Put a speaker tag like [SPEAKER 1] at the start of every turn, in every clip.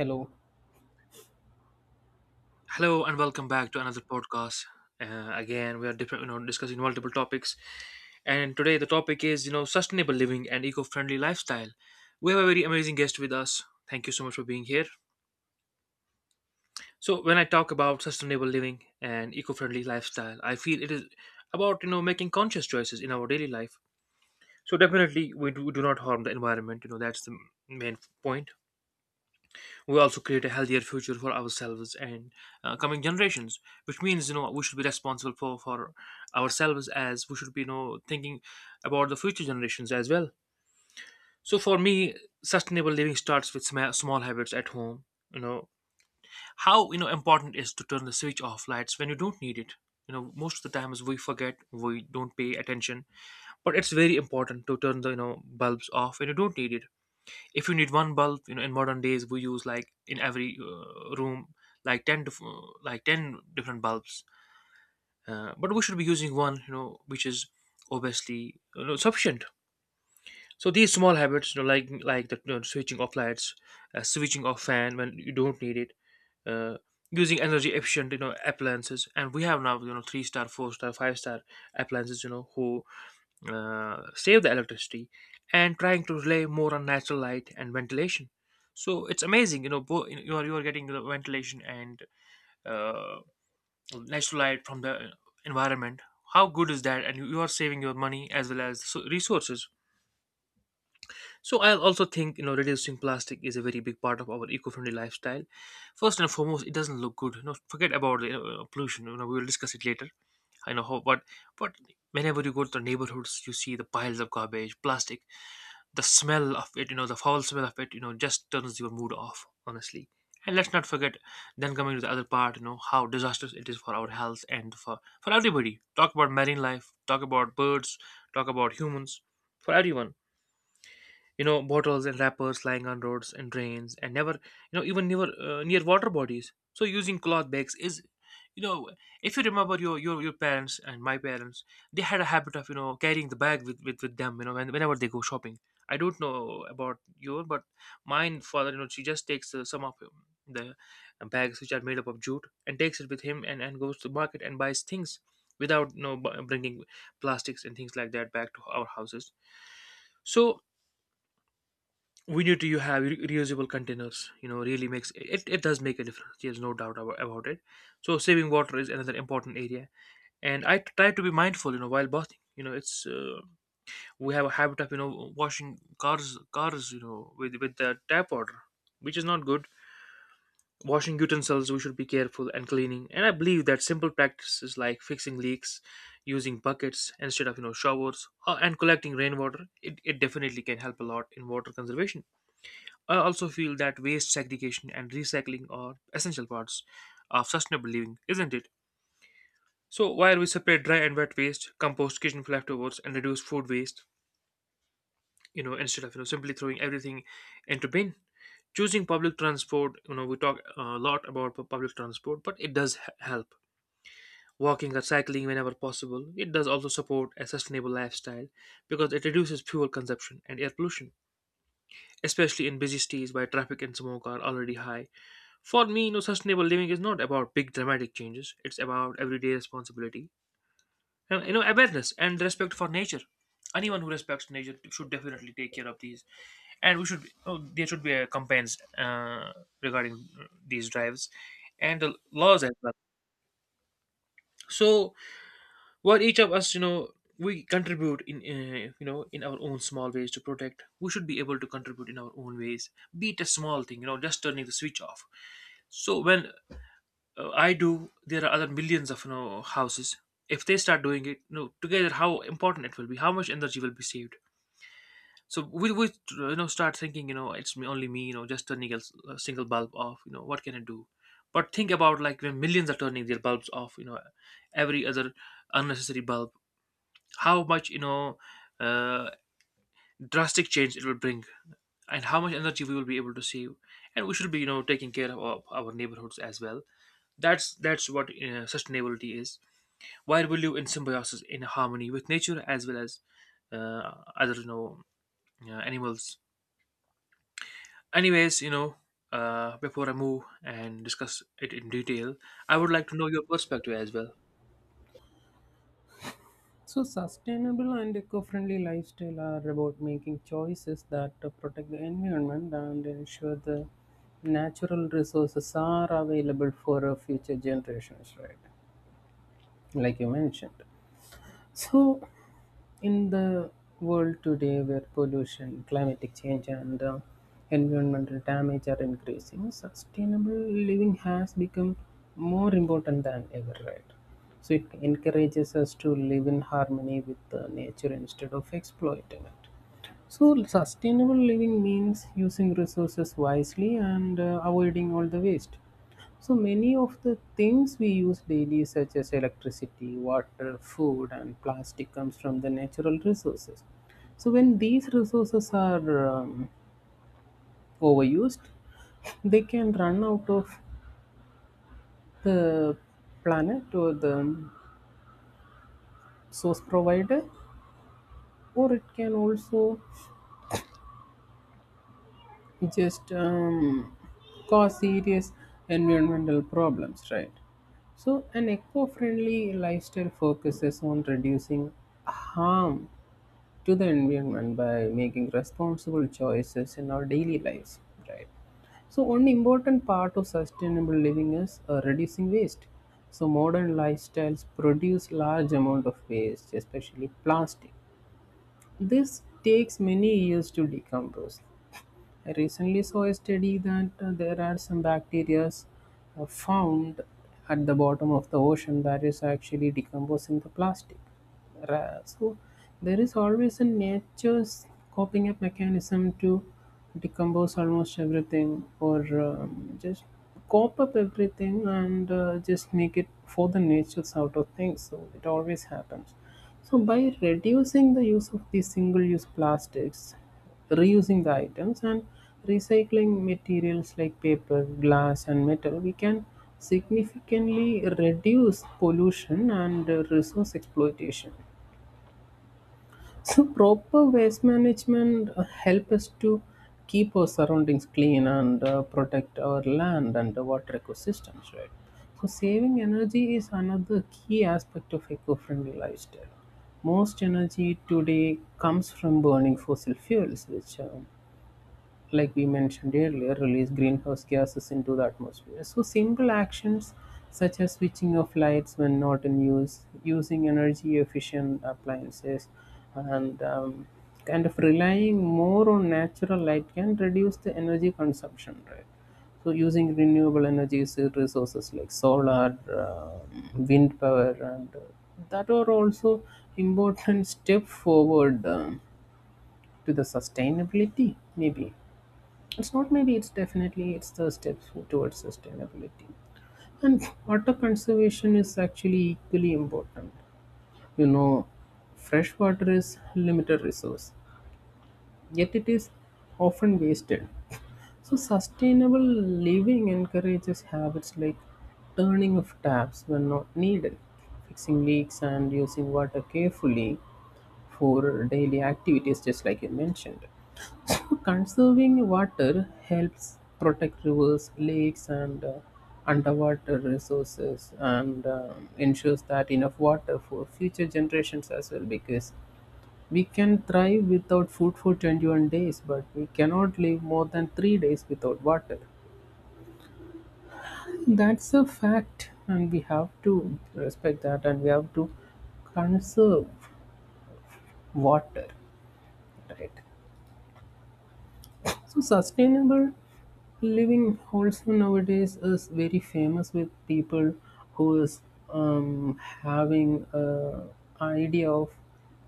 [SPEAKER 1] Hello.
[SPEAKER 2] Hello and welcome back to another podcast. Again, we are different, discussing multiple topics, and today the topic is sustainable living and eco-friendly lifestyle. We have a very amazing guest with us. Thank you so much for being here. So, when I talk about sustainable living and eco-friendly lifestyle, I feel it is about making conscious choices in our daily life. So, definitely, we do not harm the environment. That's the main point. We also create a healthier future for ourselves and coming generations, which means we should be responsible for ourselves, as we should be thinking about the future generations as well. So for me, sustainable living starts with small habits at home. you know how important is to turn the switch off lights when you don't need it. Most of the times we forget, we don't pay attention, but it's very important to turn the bulbs off when you don't need it. If you need one bulb, in modern days we use like in every room, like 10 to like 10 different bulbs, but we should be using one, which is obviously, sufficient. So these small habits, like the switching off lights, switching off fan when you don't need it, uh, using energy efficient appliances. And we have now three star, four star, five-star appliances, who save the electricity, and trying to rely more on natural light and ventilation. So it's amazing, you are getting the ventilation and uh, natural light from the environment. How good is that, and you are saving your money as well as resources. So I'll also think, reducing plastic is a very big part of our eco-friendly lifestyle. First and foremost, it doesn't look good. Forget about the pollution, we will discuss it later. I know how, but whenever you go to the neighborhoods, you see the piles of garbage, plastic. The smell of it, the foul smell of it, just turns your mood off, honestly. And let's not forget, then coming to the other part, how disastrous it is for our health and for everybody. Talk about marine life, talk about birds, talk about humans, for everyone. You know, bottles and wrappers lying on roads and drains, and never, even near near water bodies. So using cloth bags is, you know if you remember your parents and my parents, they had a habit of carrying the bag with them, whenever they go shopping. I don't know about your, but mine father, she just takes some of the bags which are made up of jute, and takes it with him and goes to market and buys things without, bringing plastics and things like that back to our houses. So we need to, you have reusable containers, really makes it, it does make a difference. There's no doubt about it. So saving water is another important area, and I try to be mindful, while bathing. It's, we have a habit of washing cars, with the tap water, which is not good. Washing utensils, we should be careful and cleaning. And I believe that simple practices like fixing leaks, using buckets instead of, showers, and collecting rainwater, it definitely can help a lot in water conservation. I also feel that waste segregation and recycling are essential parts of sustainable living, isn't it? So while we separate dry and wet waste, compost kitchen leftovers, and reduce food waste, instead of simply throwing everything into bin, choosing public transport. You know, we talk a lot about public transport, but it does help. Walking or cycling whenever possible, it does also support a sustainable lifestyle, because it reduces fuel consumption and air pollution, especially in busy cities where traffic and smoke are already high. For me, sustainable living is not about big dramatic changes; it's about everyday responsibility. And, awareness and respect for nature. Anyone who respects nature should definitely take care of these, and we should. Oh, there should be a campaigns regarding these drives, and the laws as well. So, what each of us, we contribute in, in our own small ways to protect. We should be able to contribute in our own ways, be it a small thing, just turning the switch off. So when I do, there are other millions of houses. If they start doing it, together, how important it will be, how much energy will be saved. So we start thinking, it's me, only me, just turning a single bulb off. You know, what can I do? But think about, like, when millions are turning their bulbs off, every other unnecessary bulb. How much uh, drastic change it will bring, and how much energy we will be able to save. And we should be taking care of our neighborhoods as well. That's what sustainability is, while we live in symbiosis, in harmony with nature, as well as uh, other, animals. Anyways, before I move and discuss it in detail, I would like to know your perspective as well.
[SPEAKER 1] So, sustainable and eco friendly lifestyle are about making choices that protect the environment and ensure the natural resources are available for future generations, right? Like you mentioned. So, in the world today where pollution, climatic change, and environmental damage are increasing, sustainable living has become more important than ever, right? So, it encourages us to live in harmony with nature instead of exploiting it. So, sustainable living means using resources wisely and avoiding all the waste. So, many of the things we use daily, such as electricity, water, food, and plastic, comes from the natural resources. So, when these resources are overused, they can run out of the planet or the source provider, or it can also just cause serious environmental problems, right? So, an eco friendly lifestyle focuses on reducing harm to the environment by making responsible choices in our daily lives, right? So, one important part of sustainable living is reducing waste. So, modern lifestyles produce large amount of waste, especially plastic. This takes many years to decompose. I recently saw a study that there are some bacteria found at the bottom of the ocean that is actually decomposing the plastic. So there is always a nature's coping up mechanism to decompose almost everything or just cope up everything and just make it for the nature's out of things. So it always happens. So by reducing the use of these single-use plastics, reusing the items and recycling materials like paper, glass, and metal, we can significantly reduce pollution and resource exploitation. So, proper waste management help us to keep our surroundings clean and protect our land and the water ecosystems, right? So, saving energy is another key aspect of eco-friendly lifestyle most energy today comes from burning fossil fuels, which like we mentioned earlier, release greenhouse gases into the atmosphere. So, simple actions such as switching off lights when not in use, using energy efficient appliances, and kind of relying more on natural light can reduce the energy consumption, right? So, using renewable energy resources like solar, wind power, and that are also important step forward to the sustainability, maybe. It's not maybe, it's definitely, it's the towards sustainability. And water conservation is actually equally important. You know, fresh water is limited resource, yet it is often wasted. So sustainable living encourages habits like turning off taps when not needed, fixing leaks and using water carefully for daily activities just like you mentioned. So, conserving water helps protect rivers, lakes, and underwater resources, and ensures that enough water for future generations as well. Because we can thrive without food for 21 days, but we cannot live more than 3 days without water. That's a fact, and we have to respect that, and we have to conserve water, right? So sustainable living also nowadays is very famous with people who is having a idea of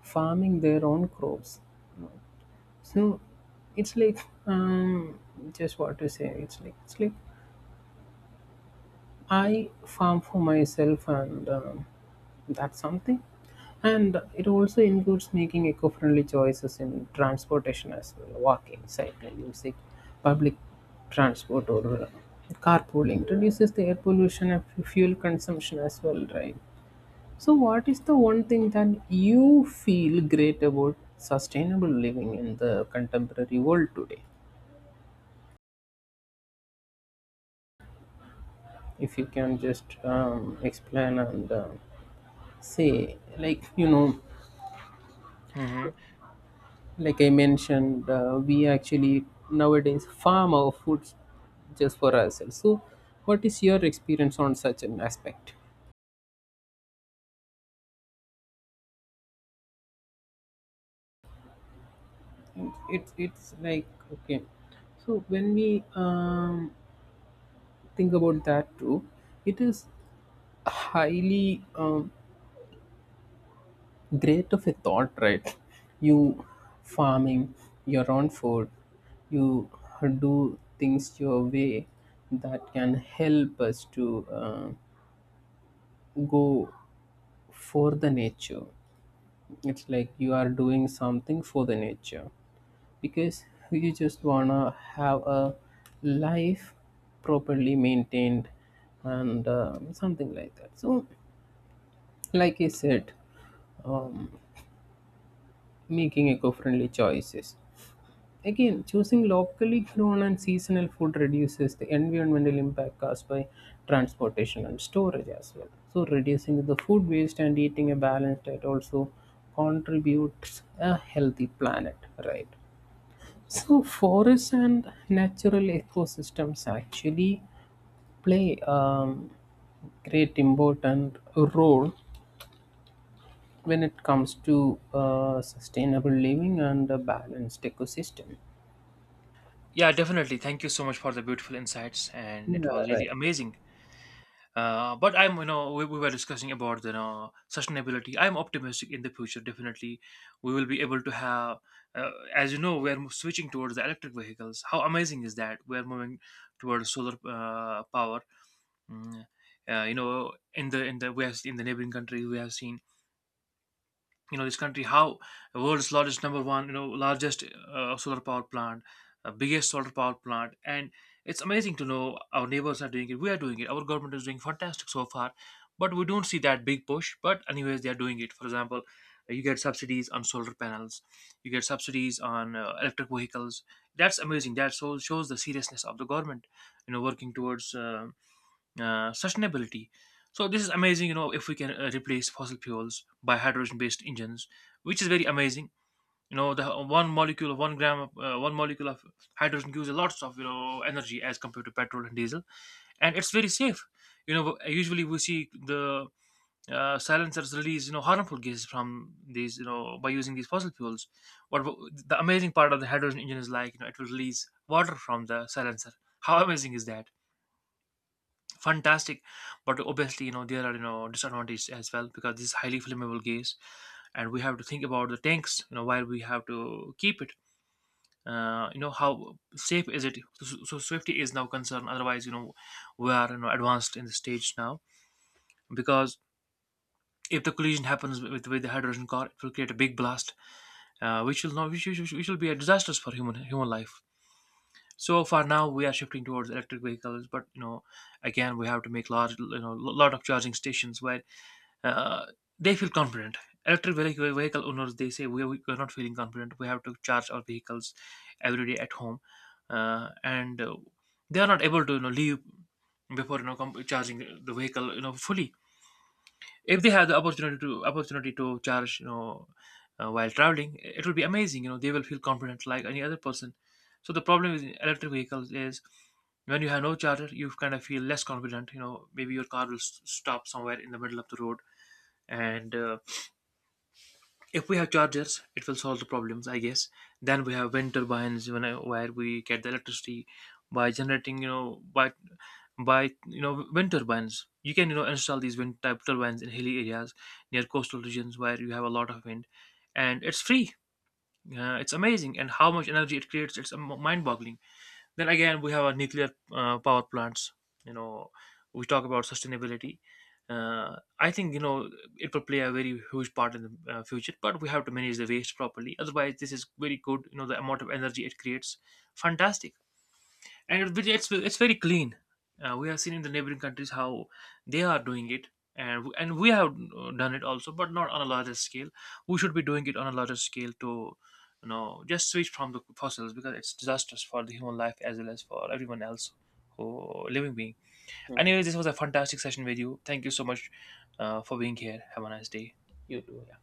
[SPEAKER 1] farming their own crops. So it's like um, just what to say. It's like I farm for myself, and that's something. And it also includes making eco friendly choices in transportation as well walking, cycling, using public transport, or carpooling reduces the air pollution and fuel consumption as well, right? So, what is the one thing that you feel great about sustainable living in the contemporary world today? If you can just explain and say, like, you know,
[SPEAKER 2] Hmm.
[SPEAKER 1] like I mentioned, we actually nowadays farm our food just for ourselves. So, what is your experience on such an aspect? And it's like okay. So when we think about that too, it is highly great of a thought, right? You farming your own food, you do things your way that can help us to go for the nature. It's like you are doing something for the nature because you just wanna have a life properly maintained and something like that. So, like I said, um, making eco-friendly choices. Again, choosing locally grown and seasonal food reduces the environmental impact caused by transportation and storage as well. So, reducing the food waste and eating a balanced diet also contributes a healthy planet, right? So, forests and natural ecosystems actually play great important role when it comes to sustainable living and a balanced ecosystem.
[SPEAKER 2] Yeah, definitely, thank you so much for the beautiful insights, and it
[SPEAKER 1] Yeah,
[SPEAKER 2] was
[SPEAKER 1] right.
[SPEAKER 2] really amazing. But I'm, you know, we were discussing about, sustainability. I'm optimistic in the future. Definitely, we will be able to have, as you know, we are switching towards the electric vehicles. How amazing is that? We are moving towards solar power. Mm, in the we have in the neighboring country, we have seen, this country, how world's largest, number one, largest solar power plant, biggest solar power plant. And it's amazing to know our neighbors are doing it, we are doing it, our government is doing fantastic so far, but we don't see that big push. But anyways, they are doing it. For example, you get subsidies on solar panels, you get subsidies on electric vehicles. That's amazing. That so shows the seriousness of the government, working towards sustainability. So this is amazing, if we can replace fossil fuels by hydrogen-based engines, which is very amazing. You know, the 1 gram, of, one molecule of hydrogen gives a lots of energy as compared to petrol and diesel, and it's very safe. You know, usually we see the silencers release harmful gases from these, by using these fossil fuels. What the amazing part of the hydrogen engine is, like, it will release water from the silencer. How amazing is that? Fantastic. But obviously, there are, disadvantages as well, because this is highly flammable gas, and we have to think about the tanks, while we have to keep it, how safe is it. So, so safety is now concerned, otherwise, we are, advanced in the stage now. Because if the collision happens with the hydrogen car, it will create a big blast, which will not, which will be a disastrous for human life. So far now we are shifting towards electric vehicles, but, again we have to make large, lot of charging stations where uh, they feel confident. Vehicle owners, they say we are not feeling confident. We have to charge our vehicles every day at home, and they are not able to, leave before, charging the vehicle, fully. If they have the opportunity to charge, while traveling, it would be amazing. You know they will feel confident like any other person. So the problem with electric vehicles is, when you have no charger, you kind of feel less confident. You know maybe your car will stop somewhere in the middle of the road, and if we have chargers it will solve the problems, I guess. Then we have wind turbines, where we get the electricity by generating, you know by you know wind turbines. You can, install these wind type turbines in hilly areas near coastal regions where you have a lot of wind. And it's free. It's amazing, and how much energy it creates, it's mind boggling. Then again, we have our nuclear power plants. You know, we talk about sustainability. I think it will play a very huge part in the future, but we have to manage the waste properly. Otherwise, this is very good. You know, the amount of energy it creates, fantastic. And it's very clean. We have seen in the neighboring countries how they are doing it, and we have done it also, but not on a larger scale. We should be doing it on a larger scale, to, you know, just switch from the fossils, because it's disastrous for the human life as well as for everyone else who living being. Anyway, this was a fantastic session with you. Thank you so much for being here. Have a nice day.
[SPEAKER 1] You too. Yeah.